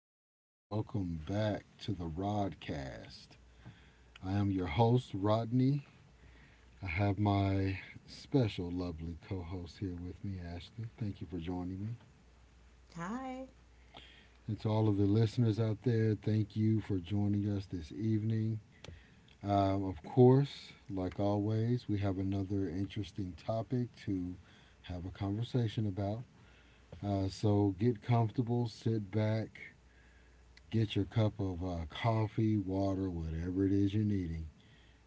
hello. Welcome back to the Rodcast. I am your host, Rodney. I have my special, lovely co host here with me, Ashley. Thank you for joining me. Hi. And to all of the listeners out there, thank you for joining us this evening. Of course, like always, we have another interesting topic to have a conversation about. So get comfortable, sit back, get your cup of coffee, water, whatever it is you're needing.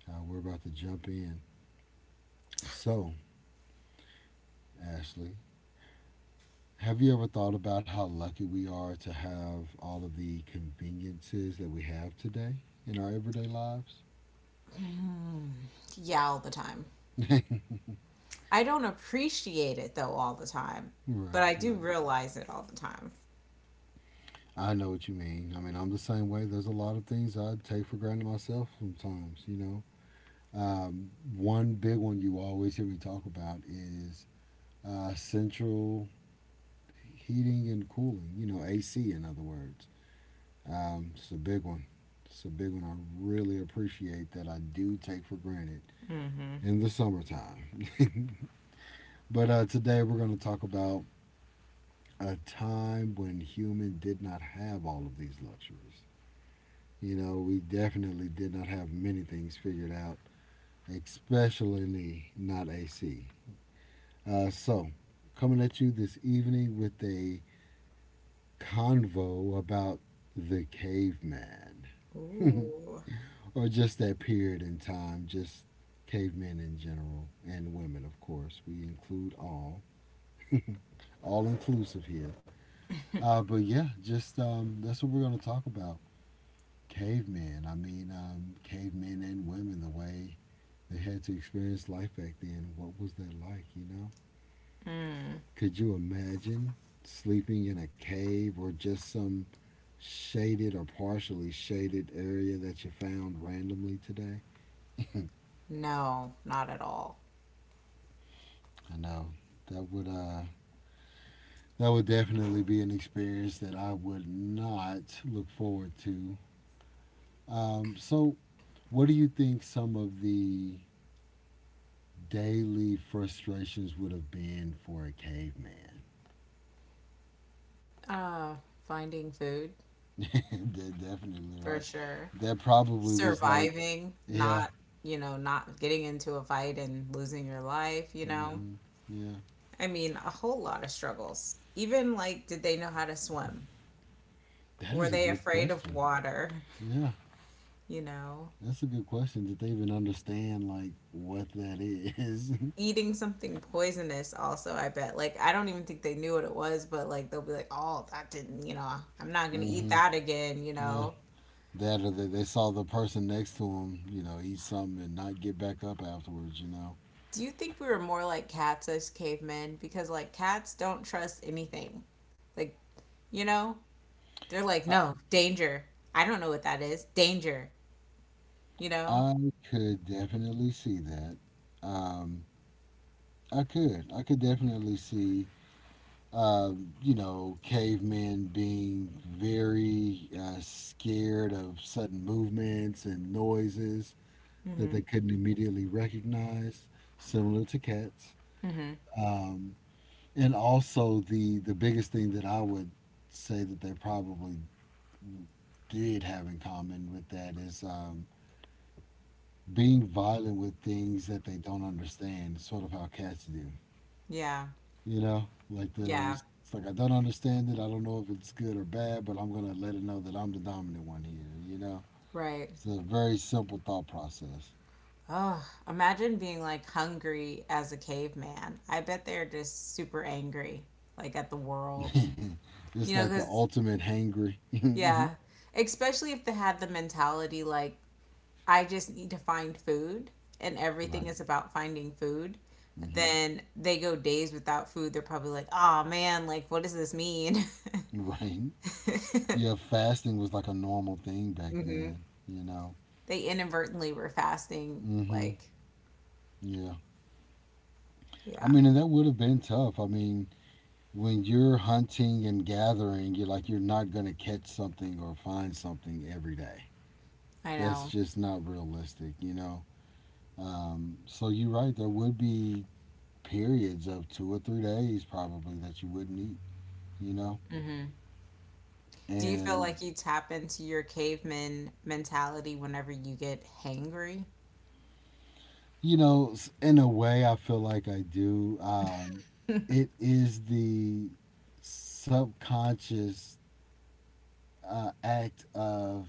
We're about to jump in. So, Ashley, have you ever thought about how lucky we are to have all of the conveniences that we have today in our everyday lives? Yeah, all the time. I don't appreciate it though all the time, but Right, I do right. realize it all the time. I know what you mean. I mean, I'm the same way. There's a lot of things I take for granted myself sometimes, you know. Um, One big one you always hear me talk about is central heating and cooling, you know, AC in other words. It's a big one. It's a big one I really appreciate that I do take for granted Mm-hmm. in the summertime. But today we're going to talk about a time when human did not have all of these luxuries. You know, we definitely did not have many things figured out, especially not AC. Uh, so, Coming at you this evening with a convo about the caveman. Ooh. Or just that period in time, just cavemen in general, and women, of course. We include all inclusive here. But yeah, just that's what we're going to talk about. Cavemen. I mean, cavemen and women, the way they had to experience life back then. What was that like, you know? Could you imagine sleeping in a cave or just some shaded or partially shaded area that you found randomly today? No, not at all. I know that would uh that would definitely be an experience that I would not look forward to. Um, so, what do you think some of the daily frustrations would have been for a caveman? Uh, Finding food Definitely, for right? sure. That probably was like, Surviving, yeah. not, not getting into a fight and losing your life. Hmm, yeah. I mean, a whole lot of struggles. Even like, did they know how to swim? That Were is a they good afraid of question. water? Yeah, You know, that's a good question. Did they even understand like what that is? eating something poisonous also. I bet, like, I don't even think they knew what it was, but like they'll be like, oh, that didn't. I'm not gonna eat Mm-hmm. that again you Yeah. know That or they saw the person next to them, you know, eat something and not get back up afterwards, you know. Do you think we were more like cats as cavemen? Because like cats don't trust anything. Like, you know they're like, I, no, danger, I don't know what that is, danger you know I could definitely see that. Um, I could. I could definitely see, you know, cavemen being very scared of sudden movements and noises that they mm-hmm. couldn't immediately recognize, similar to cats. Mm-hmm. Um, and also the biggest thing that I would say that they probably did have in common with that is being violent with things that they don't understand. It's sort of how cats do, Yeah, you know. Like yeah, there's, it's like I don't understand it. I don't know if it's good or bad, but I'm gonna let it know that I'm the dominant one here, you know. right. It's a very simple thought process. Oh, imagine being like hungry as a caveman. I bet they're just super angry, like at the world. You It's know, like the because, ultimate hangry. yeah, especially if they had the mentality like, I just need to find food and everything Right? is about finding food, Hmm. then they go days without food. They're probably like, oh man, like, what does this mean? Right. Yeah, fasting was like a normal thing back Hmm. then, you know. They inadvertently were fasting. Hmm. Like, Yeah. I yeah, mean, and that would have been tough. I mean, when you're hunting and gathering, you're like you're not gonna catch something or find something every day. I That's know. just not realistic, you know. So you're right. There would be periods of 2 or 3 days probably that you wouldn't eat, you know. Do you feel And like you tap into your caveman mentality whenever you get hangry? you know, in a way, I feel like I do. It is the subconscious act of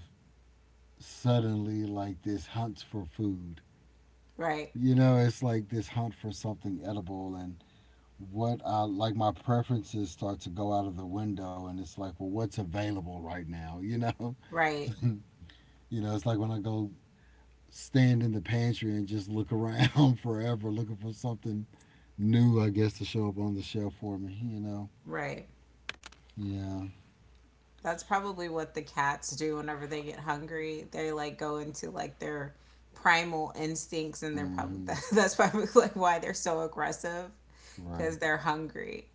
suddenly like this hunt for food. Right, You know, it's like this hunt for something edible and what I like my preferences start to go out of the window and it's like, well, what's available right now, you know? right, You know, it's like when I go stand in the pantry and just look around forever looking for something new, I guess, to show up on the shelf for me, you know? right. Yeah. That's probably what the cats do whenever they get hungry. They like go into like their primal instincts, and they're probably Mm-hmm. that's probably like why they're so aggressive because Right. they're hungry.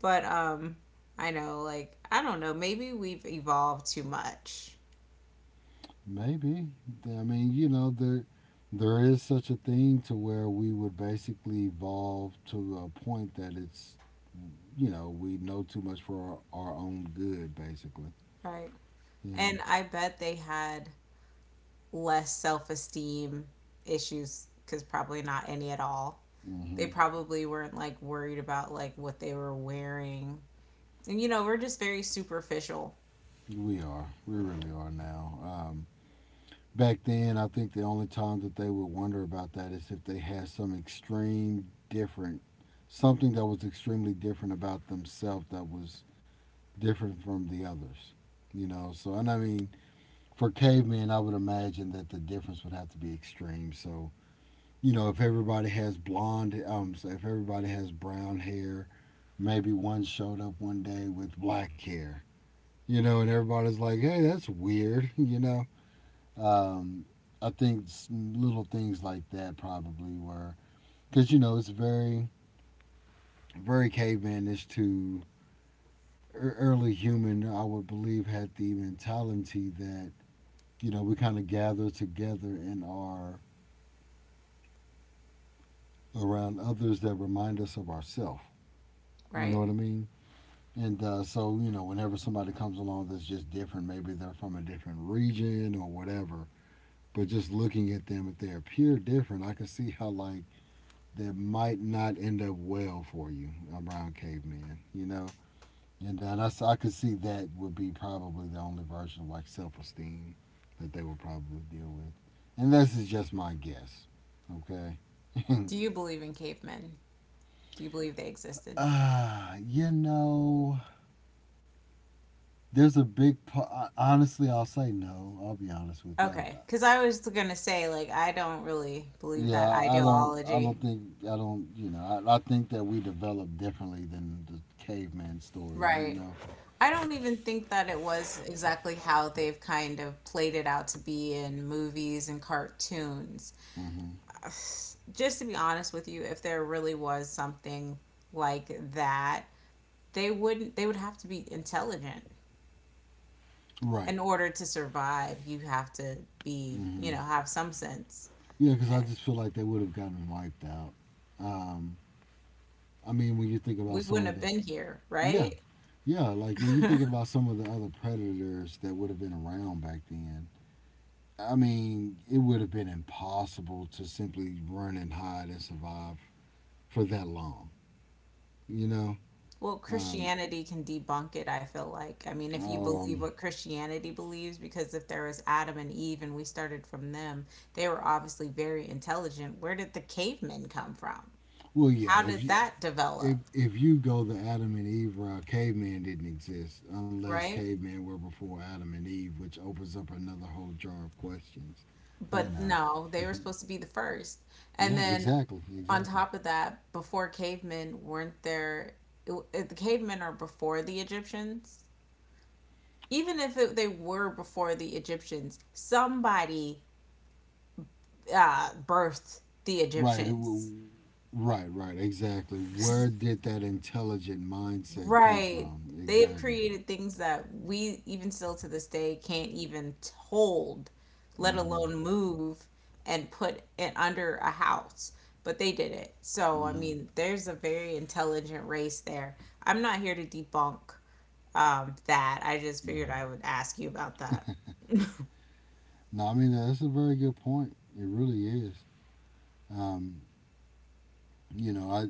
But I know, like I don't know. Maybe we've evolved too much, Maybe. I mean, you know, there is such a thing to where we would basically evolve to a point that it's you know, we know too much for our own good, basically. right? Yeah. And I bet they had less self esteem issues because probably not any at all. They Hmm. probably weren't like worried about like what they were wearing. And, we're just very superficial, We are. We really are now. Back then, I think the only time that they would wonder about that is if they had some extreme different, something that was extremely different about themselves that was different from the others. You know, so, and I mean, for cavemen, I would imagine that the difference would have to be extreme. So, you know, if everybody has blonde, so if everybody has brown hair, maybe one showed up one day with black hair, you know, and everybody's like, hey, that's weird. You know. Um, I think little things like that probably were because you know it's very very cavemanish to early human. I would believe had the mentality that you know we kind of gather together and are around others that remind us of ourselves. You know right? what I mean? And you know, whenever somebody comes along that's just different, maybe they're from a different region or whatever, but just looking at them, if they appear different, I can see how, like, that might not end up well for you around cavemen, you know? And I could see that would be probably the only version of, like, self esteem that they would probably deal with. And this is just my guess, okay? Do you believe in cavemen? Do you believe they existed? You know, there's a big part. Honestly, I'll say no. I'll be honest with you. Okay, because I was gonna say like I don't really believe Yeah, that I don't. I ideology, don't think. I don't. You know, I think that we developed differently than the caveman story. You right? know. I don't even think that it was exactly how they've kind of played it out to be in movies and cartoons. Hmm. Just to be honest with you, if there really was something like that, they wouldn't they would have to be intelligent. Right. In order to survive, you have to be, Hmm. Have some sense. Yeah, because I just feel like they would have gotten wiped out. Um, I mean, when you think We about wouldn't some of have the been here, yeah, right? yeah, like when you think about some of the other predators that would have been around back then. I mean, it would have been impossible to simply run and hide and survive for that long. You know, Well, um, Christianity can debunk it, I feel like. I mean, if you oh, um, believe what Christianity believes, because if there was Adam and Eve and we started from them, they were obviously very intelligent. Where did the cavemen come from? well, yeah. How If did you that if develop, if you go the Adam and Eve route, caveman didn't exist unless right? caveman were before Adam and Eve, which opens up another whole jar of questions. You But know, no, they were supposed to be the first. And yeah, then exactly, on exactly. top of that, before cavemen, weren't there the cavemen are before the Egyptians? Even if it, they were before the Egyptians, somebody birthed the Right, it Egyptians. w- right, right, exactly. Where did that intelligent mindset come Right. from? They have Exactly. created things that we, even still to this day, can't even hold, let Hmm. alone move and put it under a house. But they did it. So, I Hmm. mean, there's a very intelligent race there. I'm not here to debunk that. I just figured Right. I would ask you about that. No, I mean that's a very good point. It really is. Um, you know, I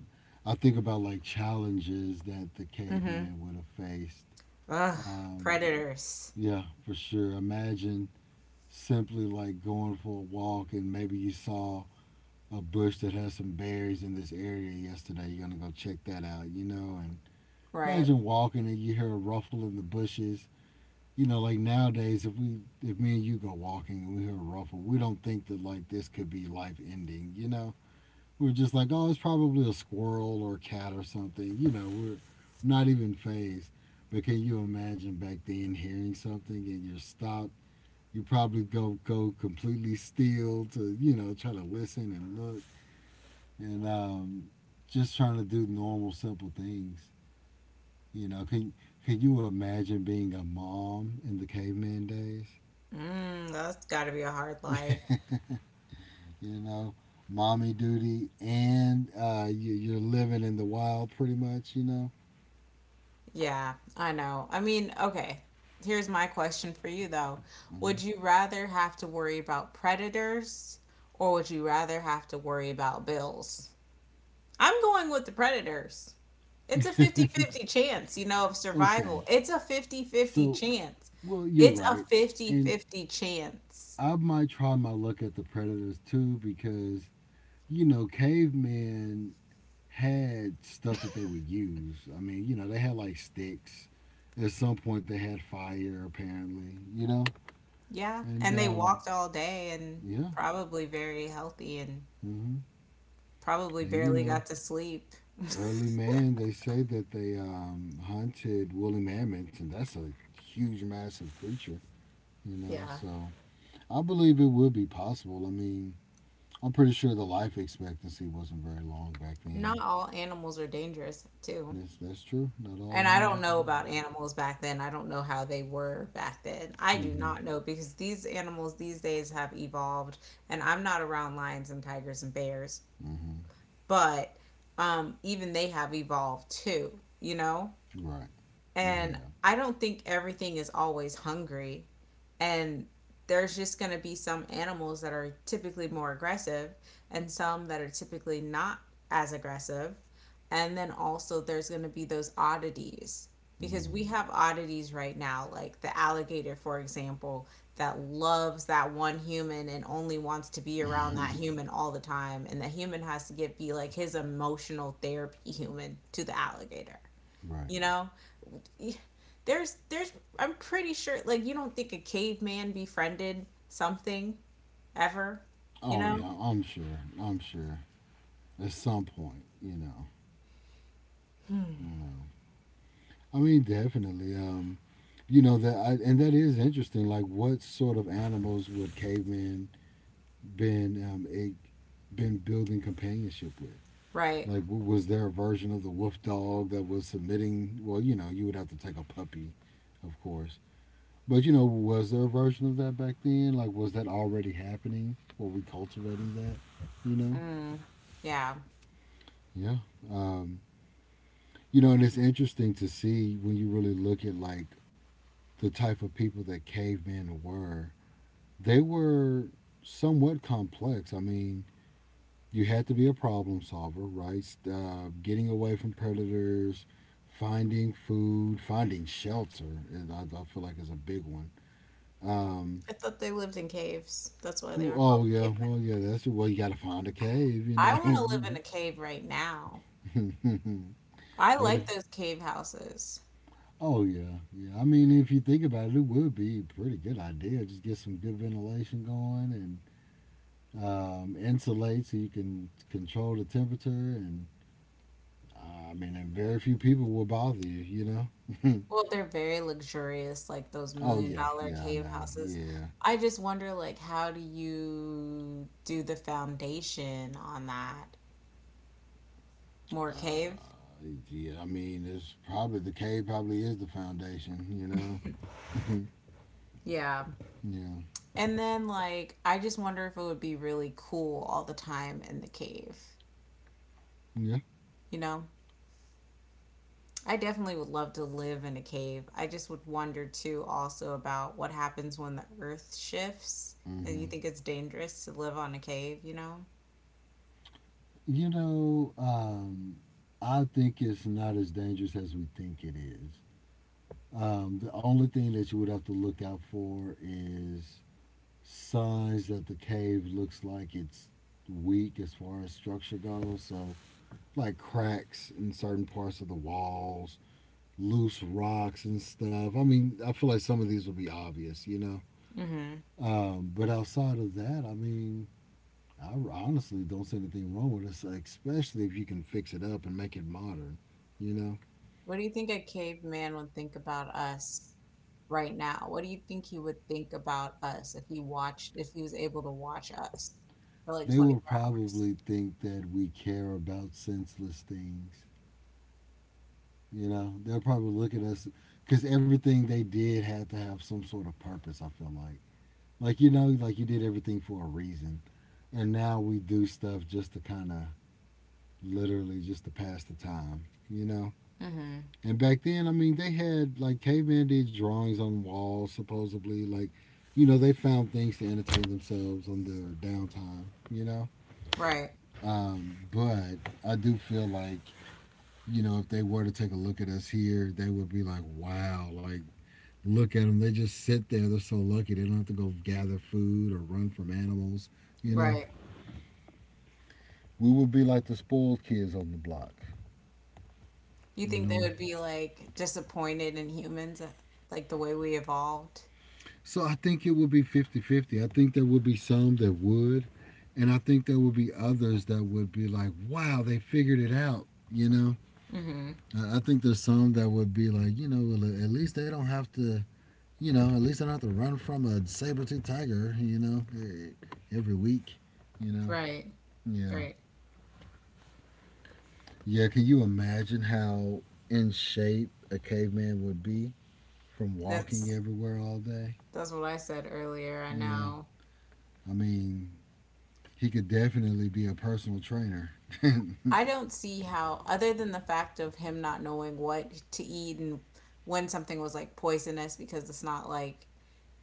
I think about like challenges that the caveman would have faced. Ugh, Um, predators. yeah, for sure. Imagine simply like going for a walk and maybe you saw a bush that has some berries in this area yesterday. You're gonna go check that out, you know. And Right. imagine walking and you hear a ruffle in the bushes. You know, like nowadays, if we, if me and you go walking and we hear a ruffle, we don't think that like this could be life ending, you know we're just like, oh, it's probably a squirrel or a cat or something. You know, we're not even phased. But can you imagine back then hearing something and you're stopped? You probably go completely still to you know try to listen and look and just trying to do normal simple things. You know, can you imagine being a mom in the caveman days? Mm, that's got to be a hard life. You know, mommy duty and you, you're living in the wild pretty much. You know. Yeah, I know. I mean, okay. Here's my question for you though. Mm-hmm. Would you rather have to worry about predators or would you rather have to worry about bills? I'm going with the predators. It's a fifty-fifty chance, of Okay, survival. It's a fifty-fifty so chance. well, you're It's a right, and fifty-fifty chance. I might try my luck at the predators too because you know cavemen had stuff that they would use. I mean, you know, they had like sticks. At some point, they had fire apparently. You know, Yeah, and and they walked all day and yeah. probably very healthy and Hmm. probably And you barely know, got to sleep. early man, they say that they hunted woolly mammoths, and that's a huge, massive creature. You know, Yeah. so I believe it would be possible. I mean I'm pretty sure the life expectancy wasn't very long back Not then. all animals are dangerous, too. That's true. Not all And I don't animals are know about animals. animals back then. I don't know how they were back then. I do Mm-hmm. not know because these animals these days have evolved, and I'm not around lions and tigers and bears, Mm-hmm. but even they have evolved too, you know? Right. They And have. I don't think everything is always hungry. And there's just going to be some animals that are typically more aggressive and some that are typically not as aggressive. And then also, there's going to be those oddities because we Mm, have oddities right now, like the alligator, for example, that loves that one human and only wants to be around that human all the time. And the human has to get be like his emotional therapy human to the alligator, right. you know? There's I'm pretty sure like you don't think a caveman befriended something ever, you Oh know? yeah. I'm sure. I'm sure. At some point, you know. You know. I mean, definitely. You know that, and that is interesting. Like, what sort of animals would cavemen been been building companionship with? Right. Like, was there a version of the wolf dog that was submitting? Well, you know, you would have to take a puppy, of course. But you know, was there a version of that back then? Like, was that already happening? Were we cultivating that? You know? Mm. Yeah. Yeah. Um, you know, and it's interesting to see when you really look at like the type of people that cavemen were. They were somewhat complex. I mean, you had to be a problem solver, right? Getting away from predators, finding food, finding shelter. And I feel like is a big one. Um, I thought they lived in caves. That's why they were called oh yeah, cavemen. well yeah, that's it. Well, you got to find a cave, you I want to live in a know. cave right now. I What if? like those cave houses. Oh yeah, yeah. I mean, if you think about it, it would be a pretty good idea. Just get some good ventilation going and insulate so you can control the temperature. And I mean, and very few people will bother you, you know. Well, they're very luxurious, like those Oh million yeah, dollar yeah, I cave know. houses. Yeah, I just wonder, like, how do you do the foundation on that? More cave? uh, yeah. I mean, it's probably the cave. Probably is the foundation. You know. Yeah. Yeah. And then like I just wonder if it would be really cool all the time in the cave. Yeah. You know? I definitely would love to live in a cave. I just would wonder too also about what happens when the earth shifts and you Hmm. think it's dangerous to live on a cave, you know? You know, I think it's not as dangerous as we think it is. The only thing that you would have to look out for is signs that the cave looks like it's weak as far as structure goes. So, like cracks in certain parts of the walls, loose rocks and stuff. I mean, I feel like some of these will be obvious, you know. Mhm. But outside of that, I mean, I honestly don't see anything wrong with it, especially if you can fix it up and make it modern, you know. What do you think a caveman would think about us right now? What do you think he would think about us if he was able to watch us for like They will 24 hours? probably think that we care about senseless things, you know. They'll probably look at us because everything they did had to have some sort of purpose, I feel like. Like, you know, like you did everything for a reason. And now we do stuff just to kind of literally just to pass the time, you know. Mhm. And back then, I mean, they had like cavemen did drawings on walls, supposedly. Like, you know, they found things to entertain themselves on their downtime, you know. Right. But I do feel like, you know, if they were to take a look at us here, they would be like, wow, like, look at them. They just sit there. They're so lucky. They don't have to go gather food or run from animals, you know. Right. We would be like the spoiled kids on the block, You you think they know. would be like disappointed in humans, like the way we evolved? So I think it would be fifty-fifty. I think there would be some that would. And I think there would be others that would be like, wow, they figured it out. You know, Mm-hmm. I think there's some that would be like, you know, well, at least they don't have to, you know, at least they don't have to run from a saber toothed tiger, you know, every week, you know. Right. Yeah. Right. Yeah. Can you imagine how in shape a caveman would be from walking That's everywhere all day? that's what I said earlier. I Yeah. know. I mean, he could definitely be a personal trainer. Right. I don't see how, other than the fact of him not knowing what to eat and when something was like poisonous, because it's not like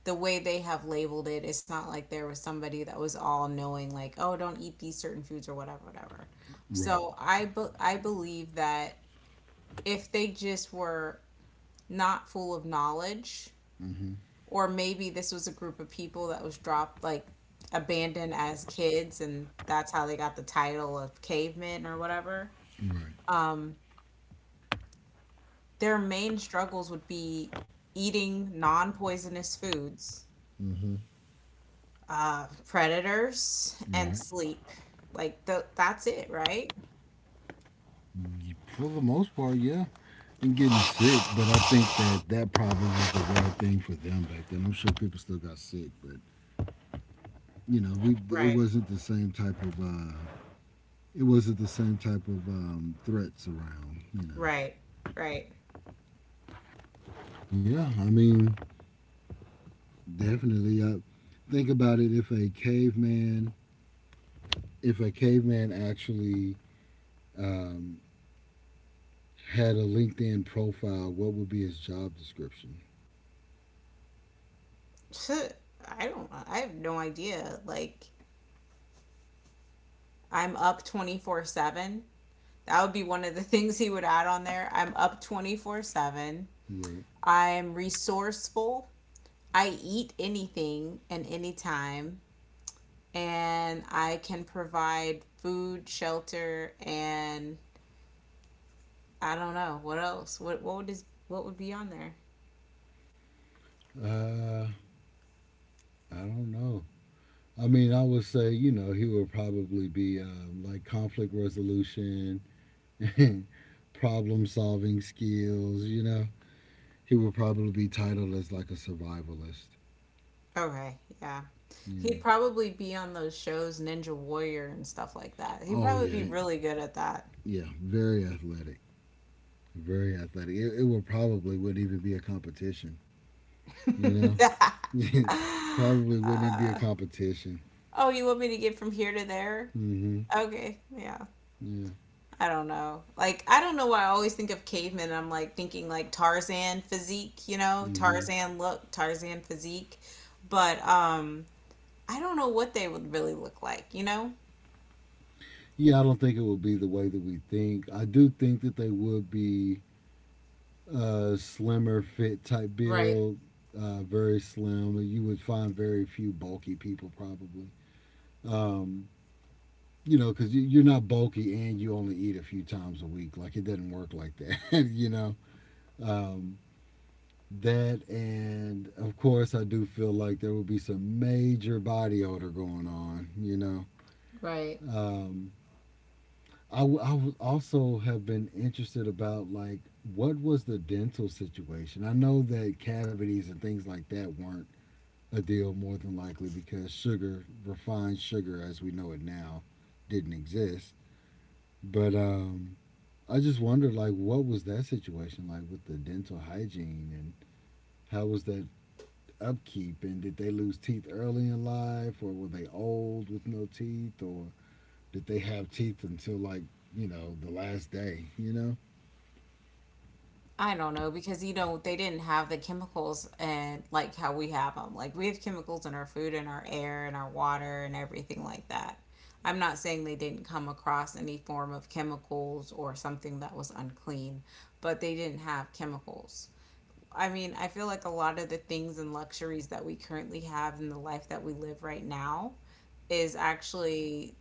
the way they have labeled it, it's not like there was somebody that was all knowing, like, oh, don't eat these certain foods or whatever, whatever. So I believe that if they just were not full of knowledge Mm-hmm. or maybe this was a group of people that was dropped like abandoned as kids and that's how they got the title of cavemen or whatever. Right. Um, their main struggles would be eating non-poisonous foods, Mm-hmm. Predators Right. and sleep, like that's it, right. Yeah, for the most part, yeah. And getting sick, but I think that that probably was the right thing for them back then. I'm sure people still got sick, but you know, we it Right. wasn't the same type of threats around. You know. Right. Right. Yeah, I mean, definitely. I think about it. If a caveman actually um, had a LinkedIn profile, what would be his job description? I have no idea. Like, I'm up 24/7. That would be one of the things he would add on there. I'm up 24/7. Right. I'm resourceful. I eat anything and anytime. And I can provide food, shelter, and I don't know what else. What would be on there? Uh, I don't know. I mean, I would say, you know, he would probably be like conflict resolution, problem solving skills, you know. He would probably be titled as like a survivalist. Okay, yeah. He'd Yeah. probably be on those shows, Ninja Warrior and stuff like that. He'd Oh, probably be yeah. really good at that. Yeah. Very athletic. Very athletic. It would probably wouldn't even be a competition, you know? Probably wouldn't even be a Uh, competition. oh, you want me to get from here to there? Mm hmm. Okay, yeah. Yeah. I don't know. Like, I don't know why I always think of cavemen. I'm like thinking like Tarzan physique, Hmm. Tarzan look, Tarzan physique. But I don't know what they would really look like, you know? Yeah, I don't think it will be the way that we think. I do think that they would be a slimmer, fit type Right, build, very slim. You would find very few bulky people probably. Um, you know, because you're not bulky and you only eat a few times a week. Like it doesn't work like that. You know. Um, that and of course, I do feel like there will be some major body odor going on. You know. right. Um, I would also have been interested about like what was the dental situation. I know that cavities and things like that weren't a deal more than likely because sugar, refined sugar as we know it now, didn't exist. But I just wondered like what was that situation like with the dental hygiene and how was that upkeep and did they lose teeth early in life or were they old with no teeth or did they have teeth until like the last day. I don't know because they didn't have the chemicals and like how we have them. Like we have chemicals in our food and our air and our water and everything like that. I'm not saying they didn't come across any form of chemicals or something that was unclean, but they didn't have chemicals. I mean, I feel like a lot of the things and luxuries that we currently have in the life that we live right now is actually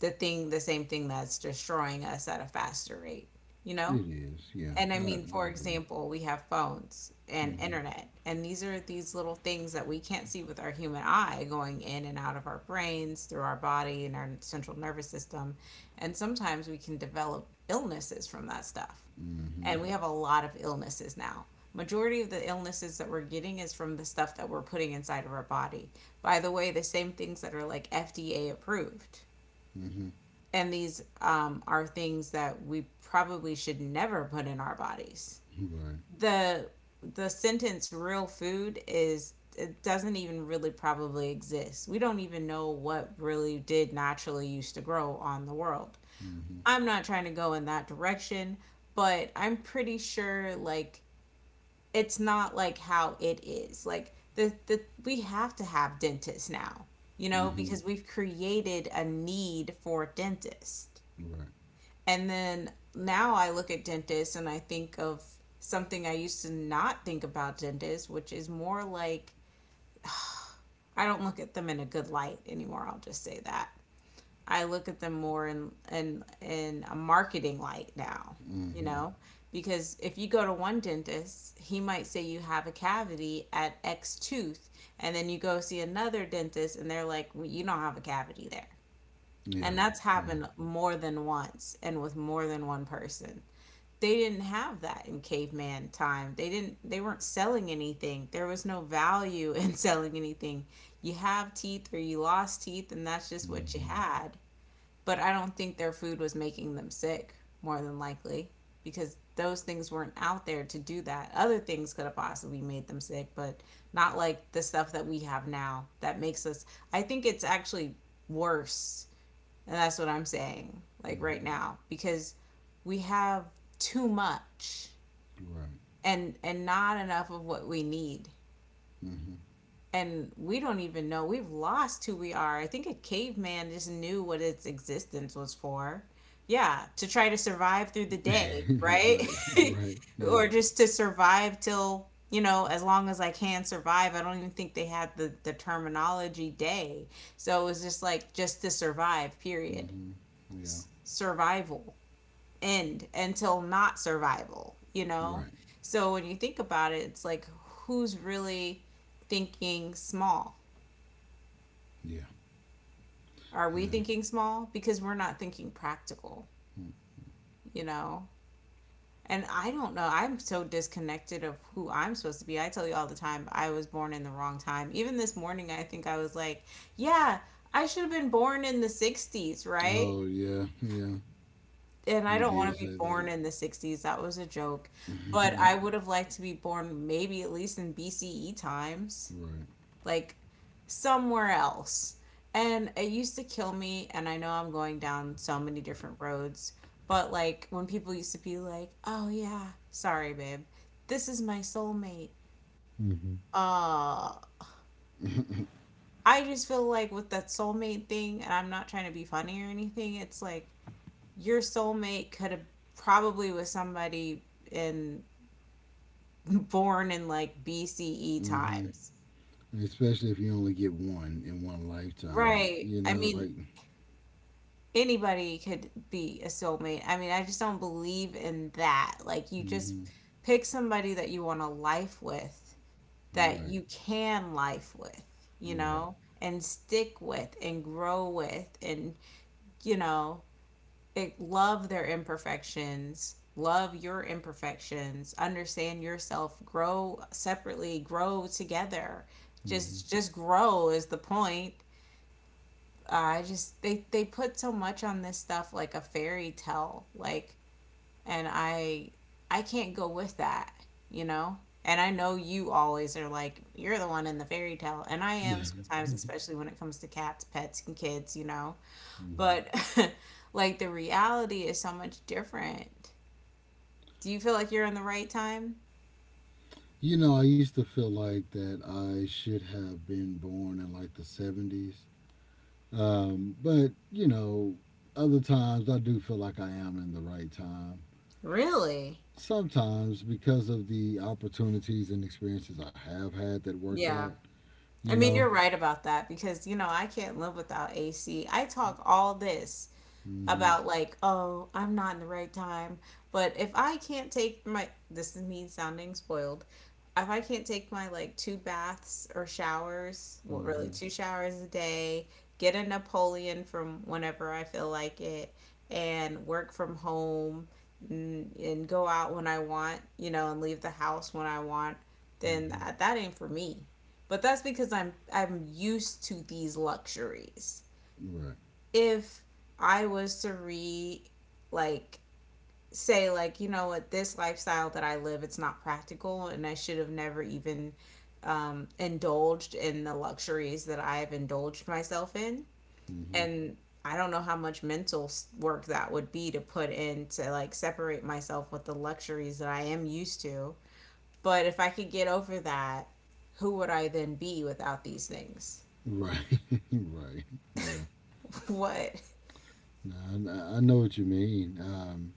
the same thing that's destroying us at a faster rate, you know? It is, yeah. And I I mean, for agree. example, we have phones and Mm-hmm. internet, and these are these little things that we can't see with our human eye going in and out of our brains, through our body, and our central nervous system. And sometimes we can develop illnesses from that stuff. Mm-hmm. And we have a lot of illnesses now. Majority of the illnesses that we're getting is from the stuff that we're putting inside of our body. By the way, the same things that are like FDA approved. Mm-hmm. And these are things that we probably should never put in our bodies. Right. The the sentence real food is, it doesn't even really probably exist. We don't even know what really did naturally used to grow on the world. Mm-hmm. I'm not trying to go in that direction, but I'm pretty sure like it's not like how it is. Like the we have to have dentists now, Mm-hmm. because we've created a need for dentists. Right. And then now I look at dentists and I think of something I used to not think about dentists, which is more like I don't look at them in a good light anymore. I'll just say that. I look at them more in a marketing light now, you Mm-hmm. know? Because if you go to one dentist, he might say you have a cavity at X tooth, and then you go see another dentist and they're like, well, you don't have a cavity there. Yeah. And that's Yeah. happened more than once and with more than one person. They didn't have that in caveman time. They weren't selling anything. There was no value in selling anything. You have teeth or you lost teeth, and that's just what you Mm-hmm. had. But I don't think their food was making them sick, more than likely, because those things weren't out there to do that. Other things could have possibly made them sick, but not like the stuff that we have now that makes us. I think it's actually worse. And that's what I'm saying, like right Mm-hmm. now, because we have too much Right. and not enough of what we need. And we don't even know. We've lost who we are. I think a caveman just knew what its existence was for. Yeah, to try to survive through the day, Mm-hmm. right? Right. Right. Yeah. Or just to survive till, as long as I can survive. I don't even think they had the terminology day. So it was just like just to survive, period. Mm-hmm. Yeah. Survival. End until not survival, you know? Right. So when you think about it, it's like, who's really thinking small? Yeah. Are we Yeah. thinking small? Because we're not thinking practical, you know? And I don't know. I'm so disconnected of who I'm supposed to be. I tell you all the time, I was born in the wrong time. Even this morning, I think I was like, yeah, I should have been born in the 60s, right? Oh yeah. Yeah. And I You don't did want to be say that. born in the 60s. That was a joke. But I would have liked to be born maybe at least in BCE times, Right. like somewhere else. And it used to kill me. And I know I'm going down so many different roads. But like when people used to be like, oh yeah, sorry, babe, this is my soulmate. Mm-hmm. Uh, I just feel like with that soulmate thing, and I'm not trying to be funny or anything, it's like, your soulmate could have probably was somebody in born in like BCE Mm-hmm. times. Especially if you only get one in one lifetime. Right. You I know, mean, like. anybody could be a soulmate. I mean, I just don't believe in that. Like, you just Mm-hmm. pick somebody that you want to life with, that Right. you can life with, you Right. know, and stick with and grow with, and, you know, love their imperfections, love your imperfections, understand yourself, grow separately, grow together. Mm-hmm. Just grow is the point. I Just they put so much on this stuff like a fairy tale, like, and I can't go with that, you know? And I know you always are like, you're the one in the fairy tale, and I am sometimes, especially when it comes to cats, pets, and kids, you know, but like the reality is so much different. Do you feel like you're in the right time? You know, I used to feel like that I should have been born in like the 70s. But, you know, other times I do feel like I am in the right time. Really? Sometimes because of the opportunities and experiences I have had that worked out, Yeah. you I mean, know? you're right about that because, you know, I can't live without AC. I talk all this Hmm. about, like, oh, I'm not in the right time. But if I can't take my, this is me sounding spoiled. If I can't take my like two baths or showers, well really Hmm. two showers a day, get a Napoleon from whenever I feel like it, and work from home, and go out when I want, you know, and leave the house when I want, then Hmm. that ain't for me. But that's because I'm used to these luxuries. Right. If I was to re, like, say like, you know what, this lifestyle that I live, it's not practical, and I should have never even, indulged in the luxuries that I have indulged myself in, Hmm. and I don't know how much mental work that would be to put in, to like separate myself with the luxuries that I am used to. But if I could get over that, who would I then be without these things? Right. Right. Yeah. What? No, I know what you mean. Um,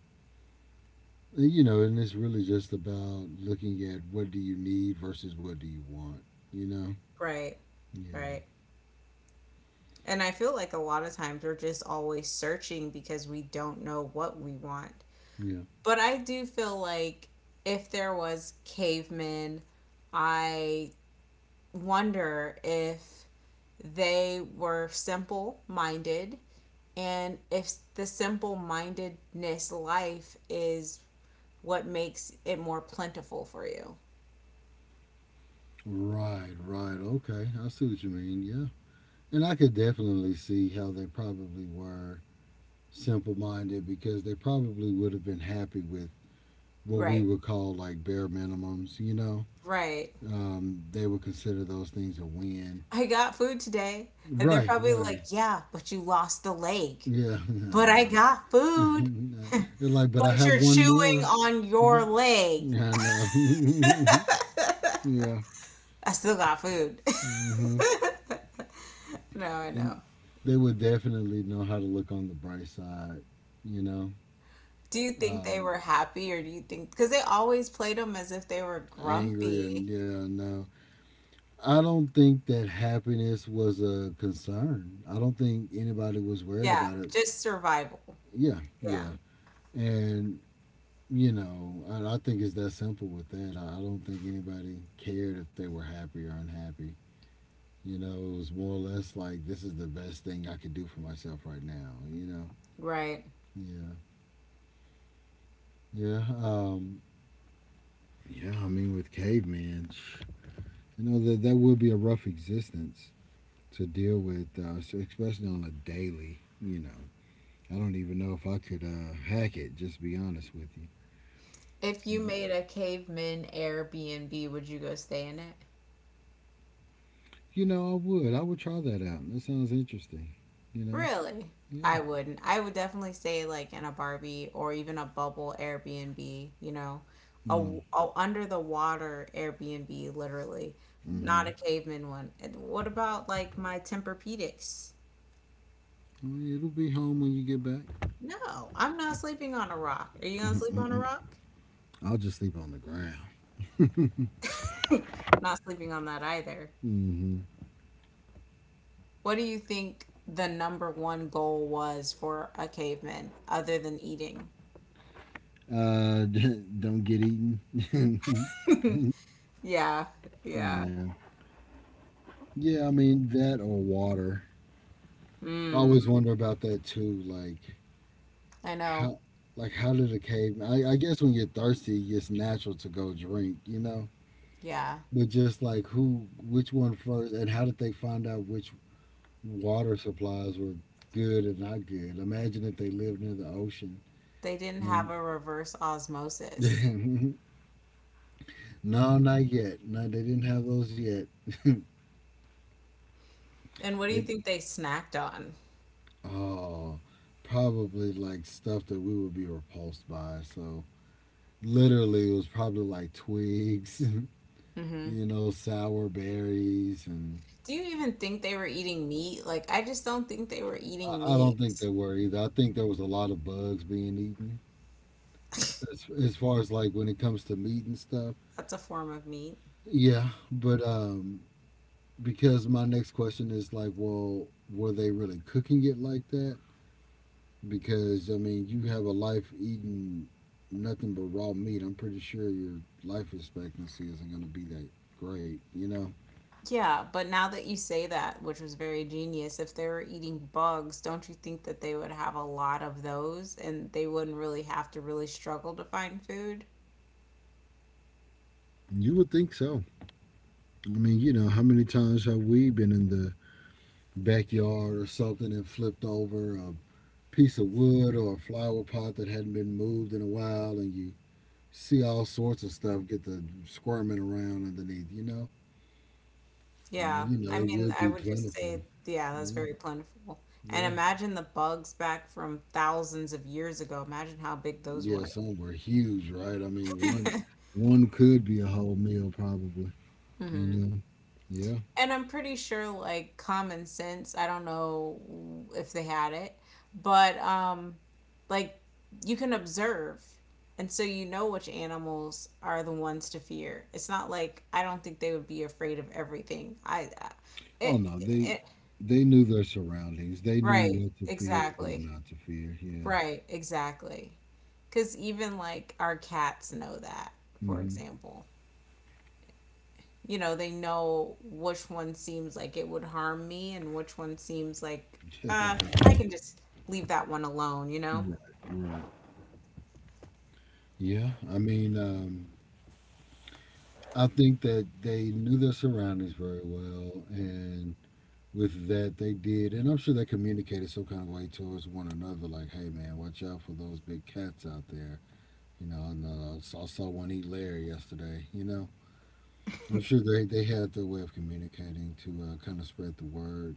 Uh, You know, and it's really just about looking at what do you need versus what do you want. You know? Right, Yeah. right. And I feel like a lot of times we're just always searching because we don't know what we want. Yeah. But I do feel like, if there was cavemen, I wonder if they were simple minded, and if the simple mindedness life is what makes it more plentiful for you. Right, right. Okay. I see what you mean. Yeah. And I could definitely see how they probably were simple minded because they probably would have been happy with what we Right. would call like bare minimums, you know? Right. They would consider those things a win. I got food today. And they're Right, probably right. like, yeah, but you lost the leg. Yeah, I But I know. got food. Like, but I But have you're one chewing more. on your leg. And yeah, I still got food. hmm No, I and know. they would definitely know how to look on the bright side. You know, Do you think they um, were happy, or do you think, because they always played them as if they were angry and grumpy? yeah, no, I don't think that happiness was a concern. I don't think anybody was worried Yeah, about it. just survival. Yeah, Yeah. yeah, and you know, and I think it's that simple with that. I don't think anybody cared if they were happy or unhappy. You know, it was more or less like this is the best thing I could do for myself right now. You know, Right. yeah. Yeah. Yeah. I mean, with cavemen, you know that that would be a rough existence to deal with, especially on a daily. You know, I don't even know if I could hack it. Just to be honest with you. If you But, made a caveman Airbnb, would you go stay in it? you know, I would. I would try that out. That sounds interesting. You know. Really? Yeah. I wouldn't. I would definitely stay like in a Barbie or even a bubble Airbnb, you know, a, Yeah. a under the water Airbnb, literally, not Mm-hmm. a caveman one. And what about like my Tempur-Pedics? Well, it'll be home when you get back. No, I'm not sleeping on a rock. Are you gonna sleep on a Mm-mm. rock? I'll just sleep on the ground. Not sleeping on that either. Mm-hmm. What do you think the number one goal was for a caveman other than eating? Uh, don't get eaten. Yeah, yeah. Yeah. Yeah, I mean that or water. I always Mm. wonder about that too. I know. how, like how did a cave? I guess when you're thirsty, it's natural to go drink, you know. Yeah. But just like who, which one first, and how did they find out which water supplies were good and not good? Imagine if they lived near the ocean They didn't have and a reverse osmosis. no, not yet. No, they didn't have those yet. they And what do you think they snacked on? Oh, probably like stuff that we would be repulsed by. So literally it was probably like twigs, Hmm. you know, sour berries and Do you even think they were eating meat? Like, I just don't think they were I, eating I meat. don't think there were either. I think there was a lot of bugs being eaten as far as like when it comes to meat and stuff. That's a form of meat. Yeah, but because my next question is like, well, were they really cooking it like that? Because I mean, you have a life eating nothing but raw meat, I'm pretty sure your life expectancy isn't going to be that great, you know. Yeah, but now that you say that, which was very genius, if they were eating bugs, don't you think that they would have a lot of those, and they wouldn't really have to really struggle to find food? You would think so. I mean, you know, how many times have we been in the backyard or something and flipped over a piece of wood or a flower pot that hadn't been moved in a while and you see all sorts of stuff get the squirming around underneath, you know? I mean, Yeah, you know, I it mean, would I be would just plentiful. say, yeah, that's Yeah, very plentiful. And yeah. imagine the bugs back from thousands of years ago. Imagine how big those Yeah, were. some were huge, right? I mean, one could be a whole meal probably, you Hmm. know. Yeah. And I'm pretty sure, like, common sense, I don't know if they had it, but, like, you can observe. And so you know which animals are the ones to fear. It's not like I don't think they would be afraid of everything. Oh it, no, they it, they knew their surroundings. They knew right, what to fear and what exactly. not to fear. Yeah. Right, exactly. Because even like our cats know that, for Hmm. example. You know, they know which one seems like it would harm me, and which one seems like, uh, I can just leave that one alone, you know? Right, right. Yeah, I mean, I think that they knew their surroundings very well, and with that, they did. And I'm sure they communicated some kind of way towards one another, like, "Hey, man, watch out for those big cats out there." You know, and, I saw one eat Larry yesterday. You know, I'm sure they had their way of communicating to kind of spread the word.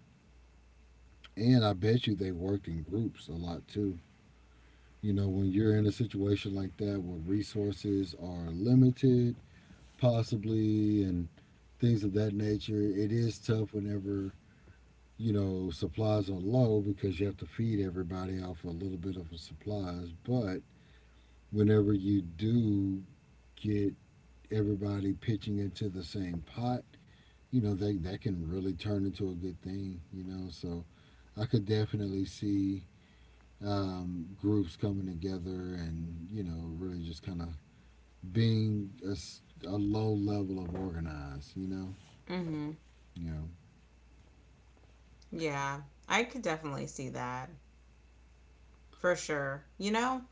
And I bet you they worked in groups a lot too. You know, when you're in a situation like that where resources are limited possibly and things of that nature. It is tough whenever supplies are low because you have to feed everybody off a little bit of supplies. But whenever you do get everybody pitching into the same pot, you know that can really turn into a good thing. You know, so I could definitely see groups coming together and really just kind of being a low level of organized. You know, Hmm. you know. Yeah, I could definitely see that for sure. You know,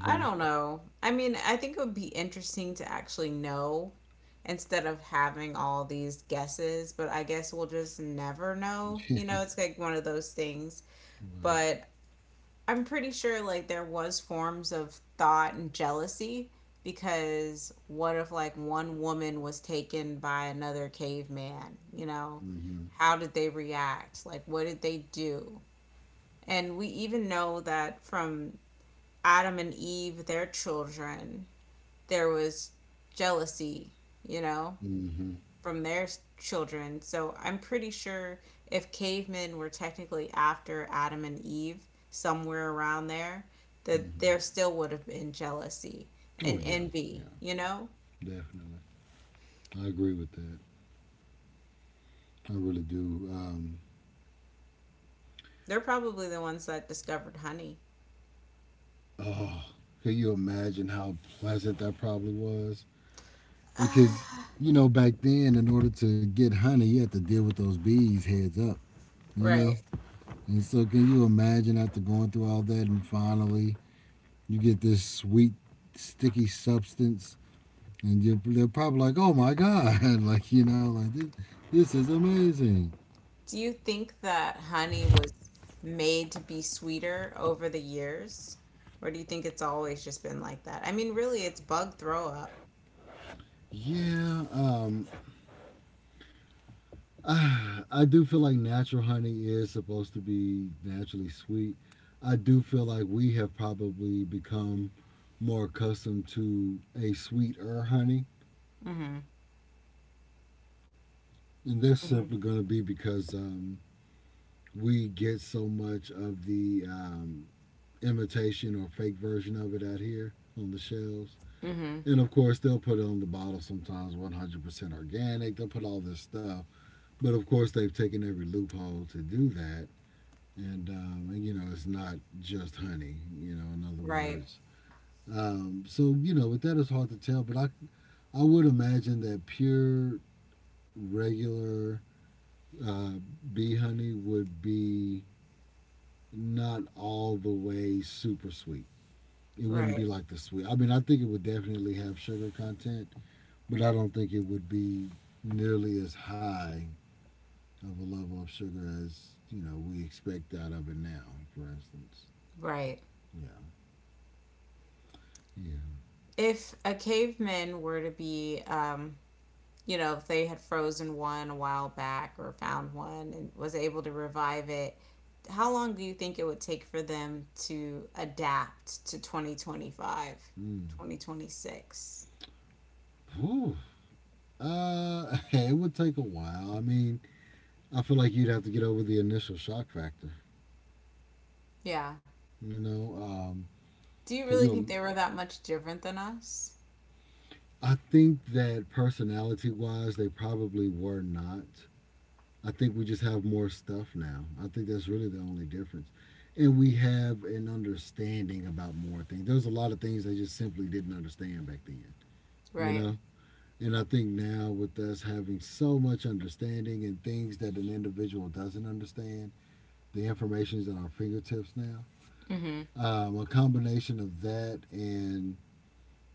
I don't know. I mean, I think it would be interesting to actually know, instead of having all these guesses, but I guess we'll just never know. You know, it's like one of those things. Right. But I'm pretty sure like there was forms of thought and jealousy, because what if like one woman was taken by another caveman, you know? Mm-hmm. How did they react? Like what did they do? And we even know that from Adam and Eve, their children, there was jealousy, you know, Mm-hmm. from their children. So I'm pretty sure if cavemen were technically after Adam and Eve, somewhere around there, that Mm-hmm. there still would have been jealousy and Oh yeah, envy, yeah, you know? definitely. I agree with that. I really do. They're probably the ones that discovered honey. Oh, can you imagine how pleasant that probably was? Because you know, back then, in order to get honey, you had to deal with those bees heads up. You know, Right. and so can you imagine after going through all that and finally you get this sweet, sticky substance and they're probably like, "Oh my god!" like you know, like this is amazing. Do you think that honey was made to be sweeter over the years? Or do you think it's always just been like that? I mean, really, it's bug throw up. Yeah, I do feel like natural honey is supposed to be naturally sweet. I do feel like we have probably become more accustomed to a sweeter honey, Mm-hmm. and that's Mm-hmm. simply going to be because we get so much of the imitation or fake version of it out here on the shelves. Mm-hmm. And of course, they'll put it on the bottle sometimes 100% organic. They'll put all this stuff. But of course, they've taken every loophole to do that. And you know, it's not just honey, you know, in other Right. words. So, you know, with that, it's hard to tell. I would imagine that pure, regular uh, bee honey would be not all the way super sweet. It wouldn't Right. be like the sweet. I mean, I think it would definitely have sugar content, but I don't think it would be nearly as high of a level of sugar as you know we expect out of it now. For instance, Right. yeah, yeah. If a caveman were to be, you know, if they had frozen one a while back or found one and was able to revive it, how long do you think it would take for them to adapt to 2025, Mm. 2026? Whew. It would take a while. I mean, I feel like you'd have to get over the initial shock factor. Yeah. You know, Do you can really think you? they were that much different than us? I think that personality-wise, they probably were not. I think we just have more stuff now. I think that's really the only difference. And we have an understanding about more things. There's a lot of things I just simply didn't understand back then, you Right. know? And I think now with us having so much understanding and things that an individual doesn't understand, the information is at our fingertips now. Hmm. A combination of that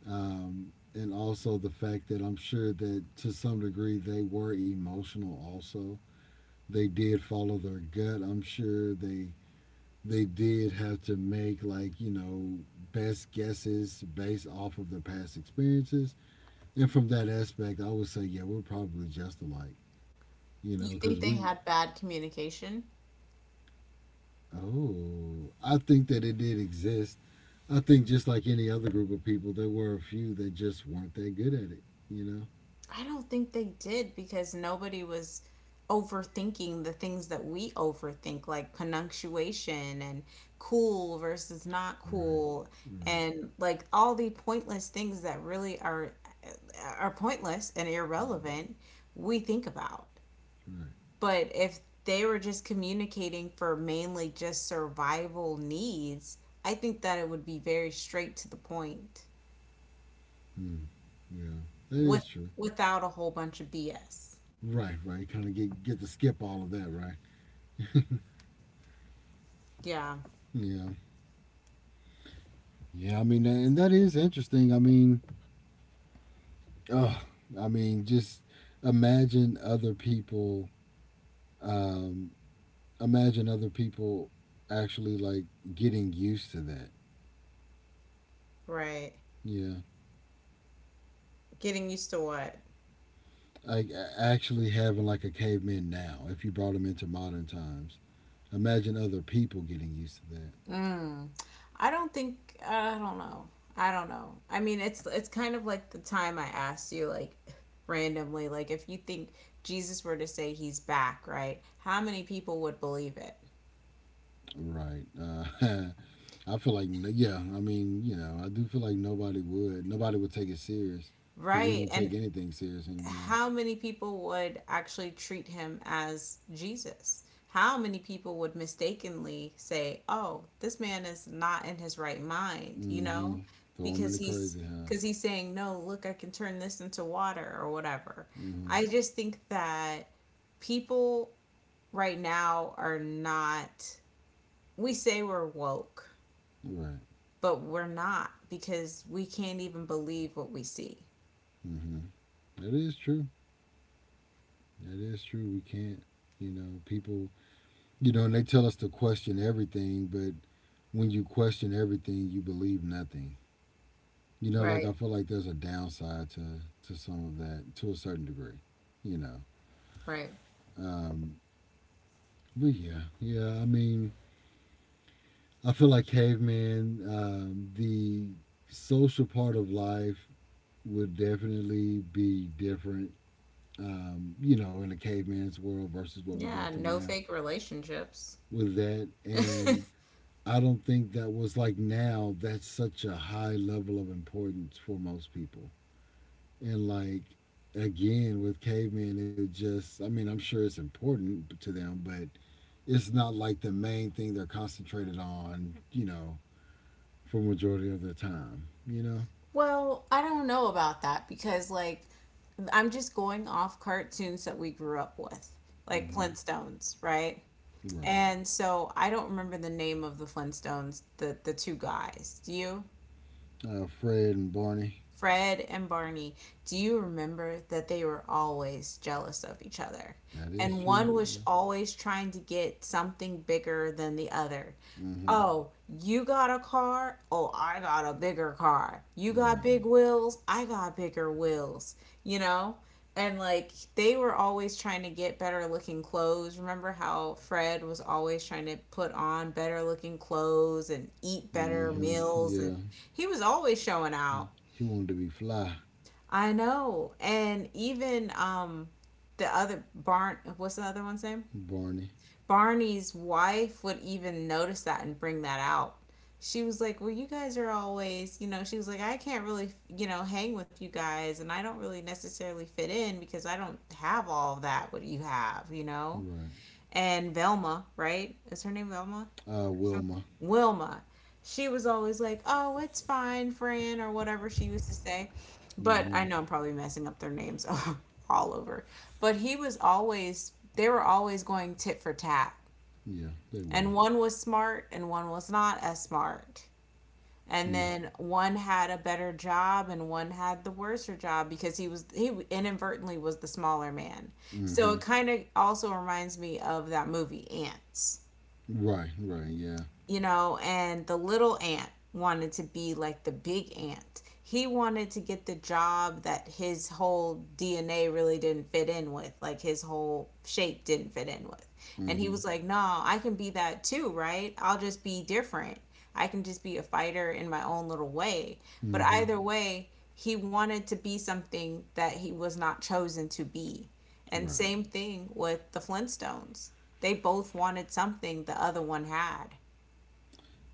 and also the fact that I'm sure that to some degree they were emotional also they did follow their gut. I'm sure they did have to make like best guesses based off of their past experiences. And from that aspect, I would say yeah, we're probably just alike. You You know, because think they we — had bad communication? oh I think that it did exist. I think just like any other group of people, there were a few that just weren't that good at it. You know. I don't think they did, because nobody was overthinking the things that we overthink, like punctuation and cool versus not Right. cool, Right. and like all the pointless things that really are pointless and Mm, irrelevant. We think about, right. but if they were just communicating for mainly just survival needs, I think that it would be very straight to the point, Mm, yeah. That with is true. without a whole bunch of BS. Right. Right. Kind of get to skip all of that. Right. Yeah, Yeah, yeah. I mean, and that is interesting. I mean, oh, I mean, just imagine other people. Um, Imagine other people actually like getting used to that. right. Yeah, Getting used to what? like actually having like a caveman now. If you brought him into modern times, imagine other people getting used to that. Mm. I don't know. I don't know. I mean, it's kind of like the time I asked you like, randomly, like if you think Jesus were to say he's back, right? How many people would believe it? Right. I feel like yeah. I mean, you know, I do feel like nobody would. Nobody would take it serious because we Right? don't take And anything serious anymore. how many people would actually treat him as Jesus? How many people would mistakenly say, "Oh, this man is not in his right mind," you Mm-hmm. know, Throw them in because the he's, crazy because house. he's saying, "No, look, I can turn this into water or whatever." Mm-hmm. I just think that people right now are not, we say we're woke, Right. but we're not, because we can't even believe what we see. Mm-hmm. That is true. That is true. We can't, you know, people, you know, and they tell us to question everything, but when you question everything, you believe nothing. You know, like Right, I feel like there's a downside to some of that to a certain degree. You know, right. um, but yeah, yeah. I mean, I feel like caveman. The social part of life would definitely be different you know, in a caveman's world versus what we go Yeah, through no now fake relationships. with that. And I don't think that was like now, that's such a high level of importance for most people. And like, again, with cavemen, it just, I mean, I'm sure it's important to them, but it's not like the main thing they're concentrated on, you know, for majority of their time, you know? Well, I don't know about that because, like, I'm just going off cartoons that we grew up with, like Mm-hmm. Flintstones, right? Right. And so I don't remember the name of the Flintstones, the two guys. Do you? Fred and Barney. Fred and Barney, do you remember that they were always jealous of each other? That is And true. one was Yeah. always trying to get something bigger than the other. Mm-hmm. Oh, you got a car? Oh, I got a bigger car. You got Right. big wheels? I got bigger wheels. You know? And like they were always trying to get better looking clothes. Remember how Fred was always trying to put on better looking clothes and eat better Mm-hmm. meals and Yeah. he was always showing out. He wanted to be fly. I know. And even the other Barn what's the other one's name? Barney. Barney's wife would even notice that and bring that out. She was like, "Well, you guys are always, she was like, "I can't really, hang with you guys and I don't really necessarily fit in because I don't have all that what you have, you know?" Right. And Velma, right? Is her name Velma? Wilma. Wilma. She was always like, "Oh, it's fine, Fran," or whatever she used to say. But Mm-hmm. I know I'm probably messing up their names all over. But he was always they were always going tit for tat. Yeah, they And were. one was smart and one was not as smart. And Yeah. then one had a better job and one had the worser job because he inadvertently was the smaller man. So Mm-hmm. it kind of also reminds me of that movie Ants, Right, right, yeah. you know, and the little ant wanted to be like the big ant. He wanted to get the job that his whole DNA really didn't fit in with, like his whole shape didn't fit in with. And he Mm-hmm. was like, "No, I can be that too, right? I'll just be different. I can just be a fighter in my own little way." But Mm-hmm. either way, he wanted to be something that he was not chosen to be. And Right. same thing with the Flintstones. They both wanted something the other one had.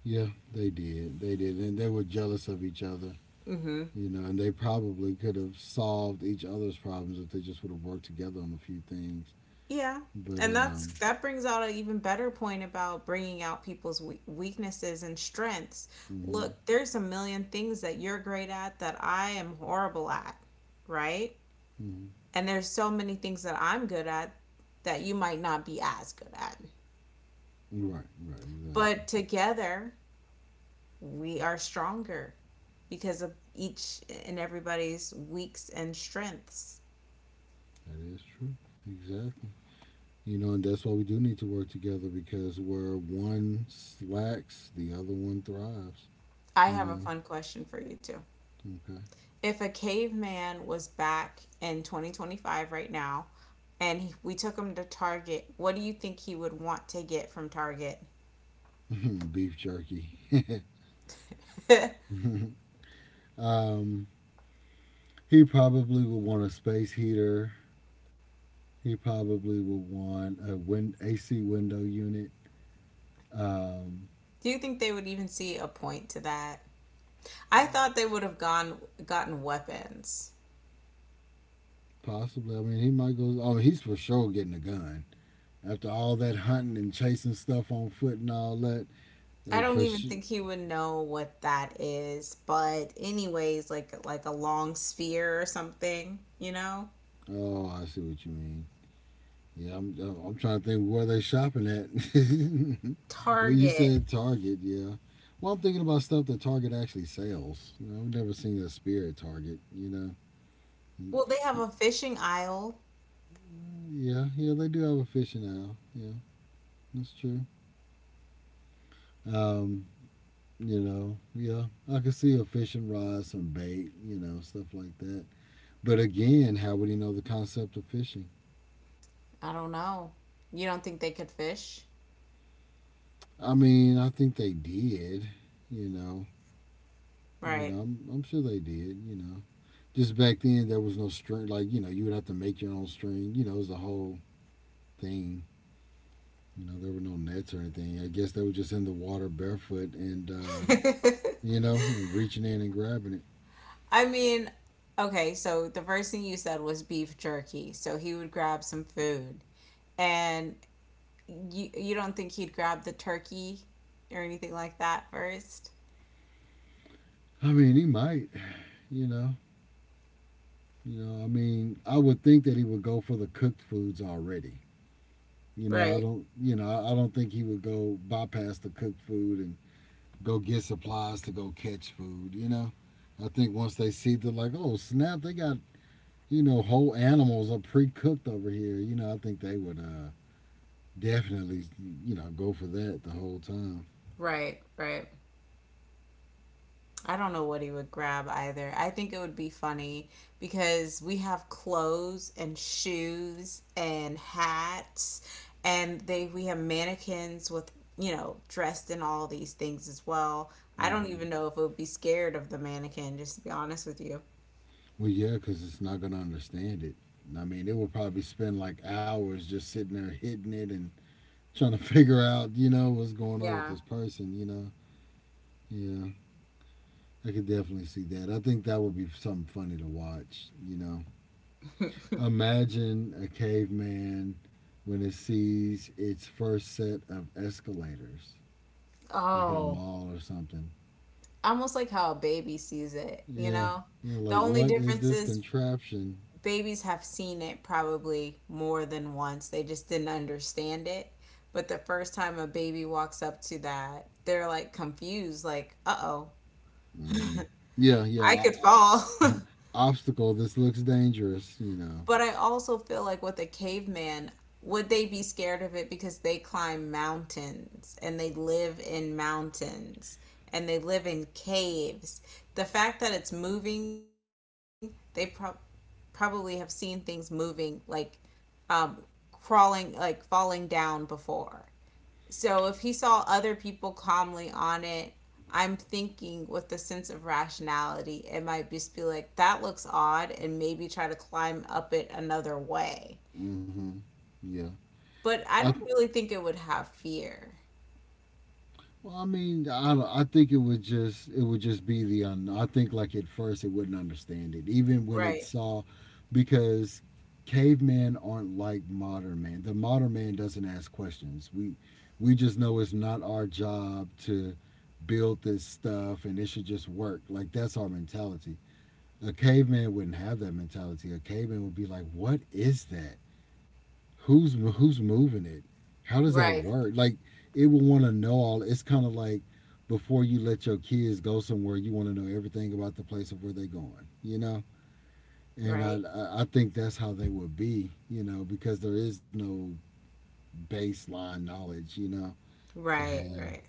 Yeah, they did. They did. And they were jealous of each other, Mm-hmm. you know, and they probably could have solved each other's problems if they just would have worked together on a few things. Yeah. But, And that's, um, that brings out an even better point about bringing out people's weaknesses and strengths. mm-hmm. Look, there's a million things that you're great at that I am horrible at, right? Mm-hmm. And there's so many things that I'm good at that you might not be as good at. Right, right, exactly. But together, we are stronger because of each and everybody's weaks and strengths. That is true. Exactly. You know, and that's why we do need to work together because where one slacks, the other one thrives. I You have a know, fun question for you too. okay. If a caveman was back in 2025 right now and we took him to Target, what do you think he would want to get from Target? Beef jerky. Do um, he probably would want a space heater. He probably would want a AC window unit. Um, you think they would even see a point to that? I thought they would have gone gotten weapons. possibly. I mean, he might go. Oh, he's for sure getting a gun. After all that hunting and chasing stuff on foot and all that, I don't for even sure. think he would know what that is, but anyways, like a long spear or something, you know? Oh, I see what you mean. Yeah, I'm trying to think where they shopping at. Well, you Target. said Target, yeah. Well, I'm thinking about stuff that Target actually sells. You know, I've never seen a spear at Target, you know. Well, they have a fishing aisle. Yeah, yeah, they do have a fishing aisle. Yeah, that's true. Um, you know, yeah, I could see a fishing rod, some bait, you know, stuff like that. But again, how would he know the concept of fishing? I don't know. You don't think they could fish? I mean, I think they did, you know, Right. I'm sure they did, you know. Just back then there was no string like you know you would have to make your own string you know it was a whole thing. You know there were no nets or anything, I guess they were just in the water barefoot and you know and reaching in and grabbing it. I mean, okay, so the first thing you said was beef jerky. So he would grab some food. And you don't think he'd grab the turkey or anything like that first? I mean he might, you know, I mean I would think that he would go for the cooked foods already, you know I Right, don't, I don't think he would go bypass the cooked food and go get supplies to go catch food, you know. I think once they see they're like oh snap they got, you know, whole animals are pre-cooked over here. You know, I think they would definitely, you know, go for that the whole time. right, right. I don't know what he would grab either. I think it would be funny because we have clothes and shoes and hats, and they we have mannequins with, you know, dressed in all these things as well. I don't Hmm. even know if it would be scared of the mannequin, just to be honest with you. Well, yeah, because it's not gonna understand it. I mean, it would probably spend like hours just sitting there hitting it and trying to figure out, you know, what's going on with Yeah. this person. You know, yeah, I could definitely see that. I think that would be something funny to watch. You know, imagine a caveman when it sees its first set of escalators. Like at a Oh. mall or something. Almost like how a baby sees it, you Yeah, know? yeah. The Like, only what is difference this is contraption? babies have seen it probably more than once. They just didn't understand it. But the first time a baby walks up to that, they're like confused, like, uh oh, Hmm. Yeah, yeah. I could fall. Obstacle. This looks dangerous. You know. But I also feel like with a caveman, would they be scared of it because they climb mountains and they live in mountains and they live in caves? The fact that it's moving, they probably have seen things moving like um, crawling, like falling down before. So if he saw other people calmly on it, I'm thinking with a sense of rationality, it might just be like, that looks odd, and maybe try to climb up it another way. Hmm. Yeah. But I I don't really think it would have fear. Well, I mean, I don't, I think it would just — it would just be the un. I think like at first it wouldn't understand it, even when it Right, saw, because cavemen aren't like modern man. The modern man doesn't ask questions. We just know it's not our job to build this stuff, and it should just work. Like that's our mentality. A caveman wouldn't have that mentality. A caveman would be like, "What is that? Who's moving it? How does that right. work?" Like it will want to know all. It's kind of like before you let your kids go somewhere, you want to know everything about the place of where they're going. You know, and I right, I think that's how they would be. You know, because there is no baseline knowledge. You know, to right, have. right,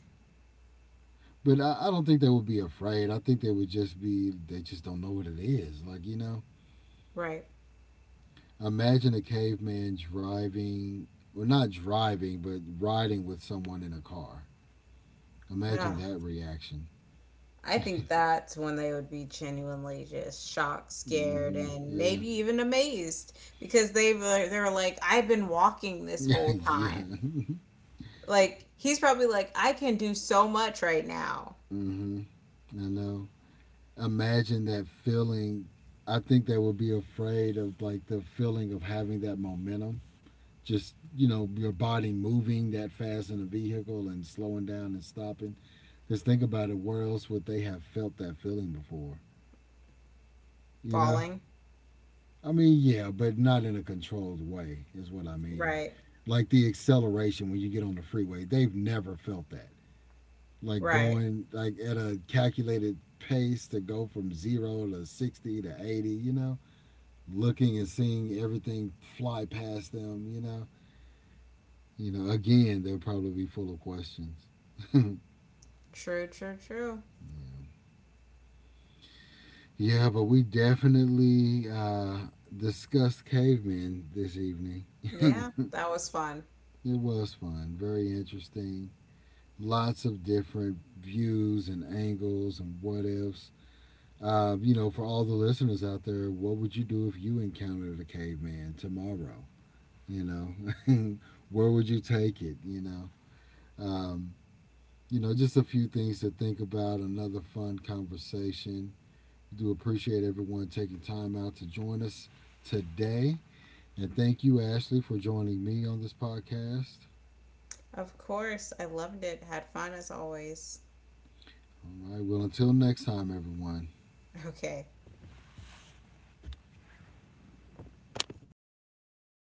But I don't think they would be afraid. I think they would just be — they just don't know what it is. Like you know, right. imagine a caveman driving, well not driving, but riding with someone in a car. Imagine Ugh. that reaction. I think that's when they would be genuinely just shocked, scared, Mm-hmm. and Yeah. maybe even amazed because they were like, "I've been walking this whole time." yeah. Like he's probably like, "I can do so much right now." Mm-hmm. I know. Imagine that feeling. I think they would be afraid of like the feeling of having that momentum. Just you know, your body moving that fast in a vehicle and slowing down and stopping. Because think about it, where else would they have felt that feeling before? You know. Falling. I mean, yeah, but not in a controlled way is what I mean. Right. Like the acceleration when you get on the freeway, they've never felt that. Like Right. going like at a calculated pace to go from zero to 60 to 80, you know, looking and seeing everything fly past them, you know. You know, again, they'll probably be full of questions. Yeah. True. True. True. Yeah but we definitely discussed cavemen this evening. Yeah, that was fun. It was fun. Very interesting. Lots of different views and angles and what ifs. You know, for all the listeners out there, what would you do if you encountered a caveman tomorrow? You know, where would you take it? Um, you know, just a few things to think about. Another fun conversation. I do appreciate everyone taking time out to join us today, and thank you, Ashley, for joining me on this podcast. Of course, I loved it. Had fun as always. All right. Well, until next time, everyone. Okay.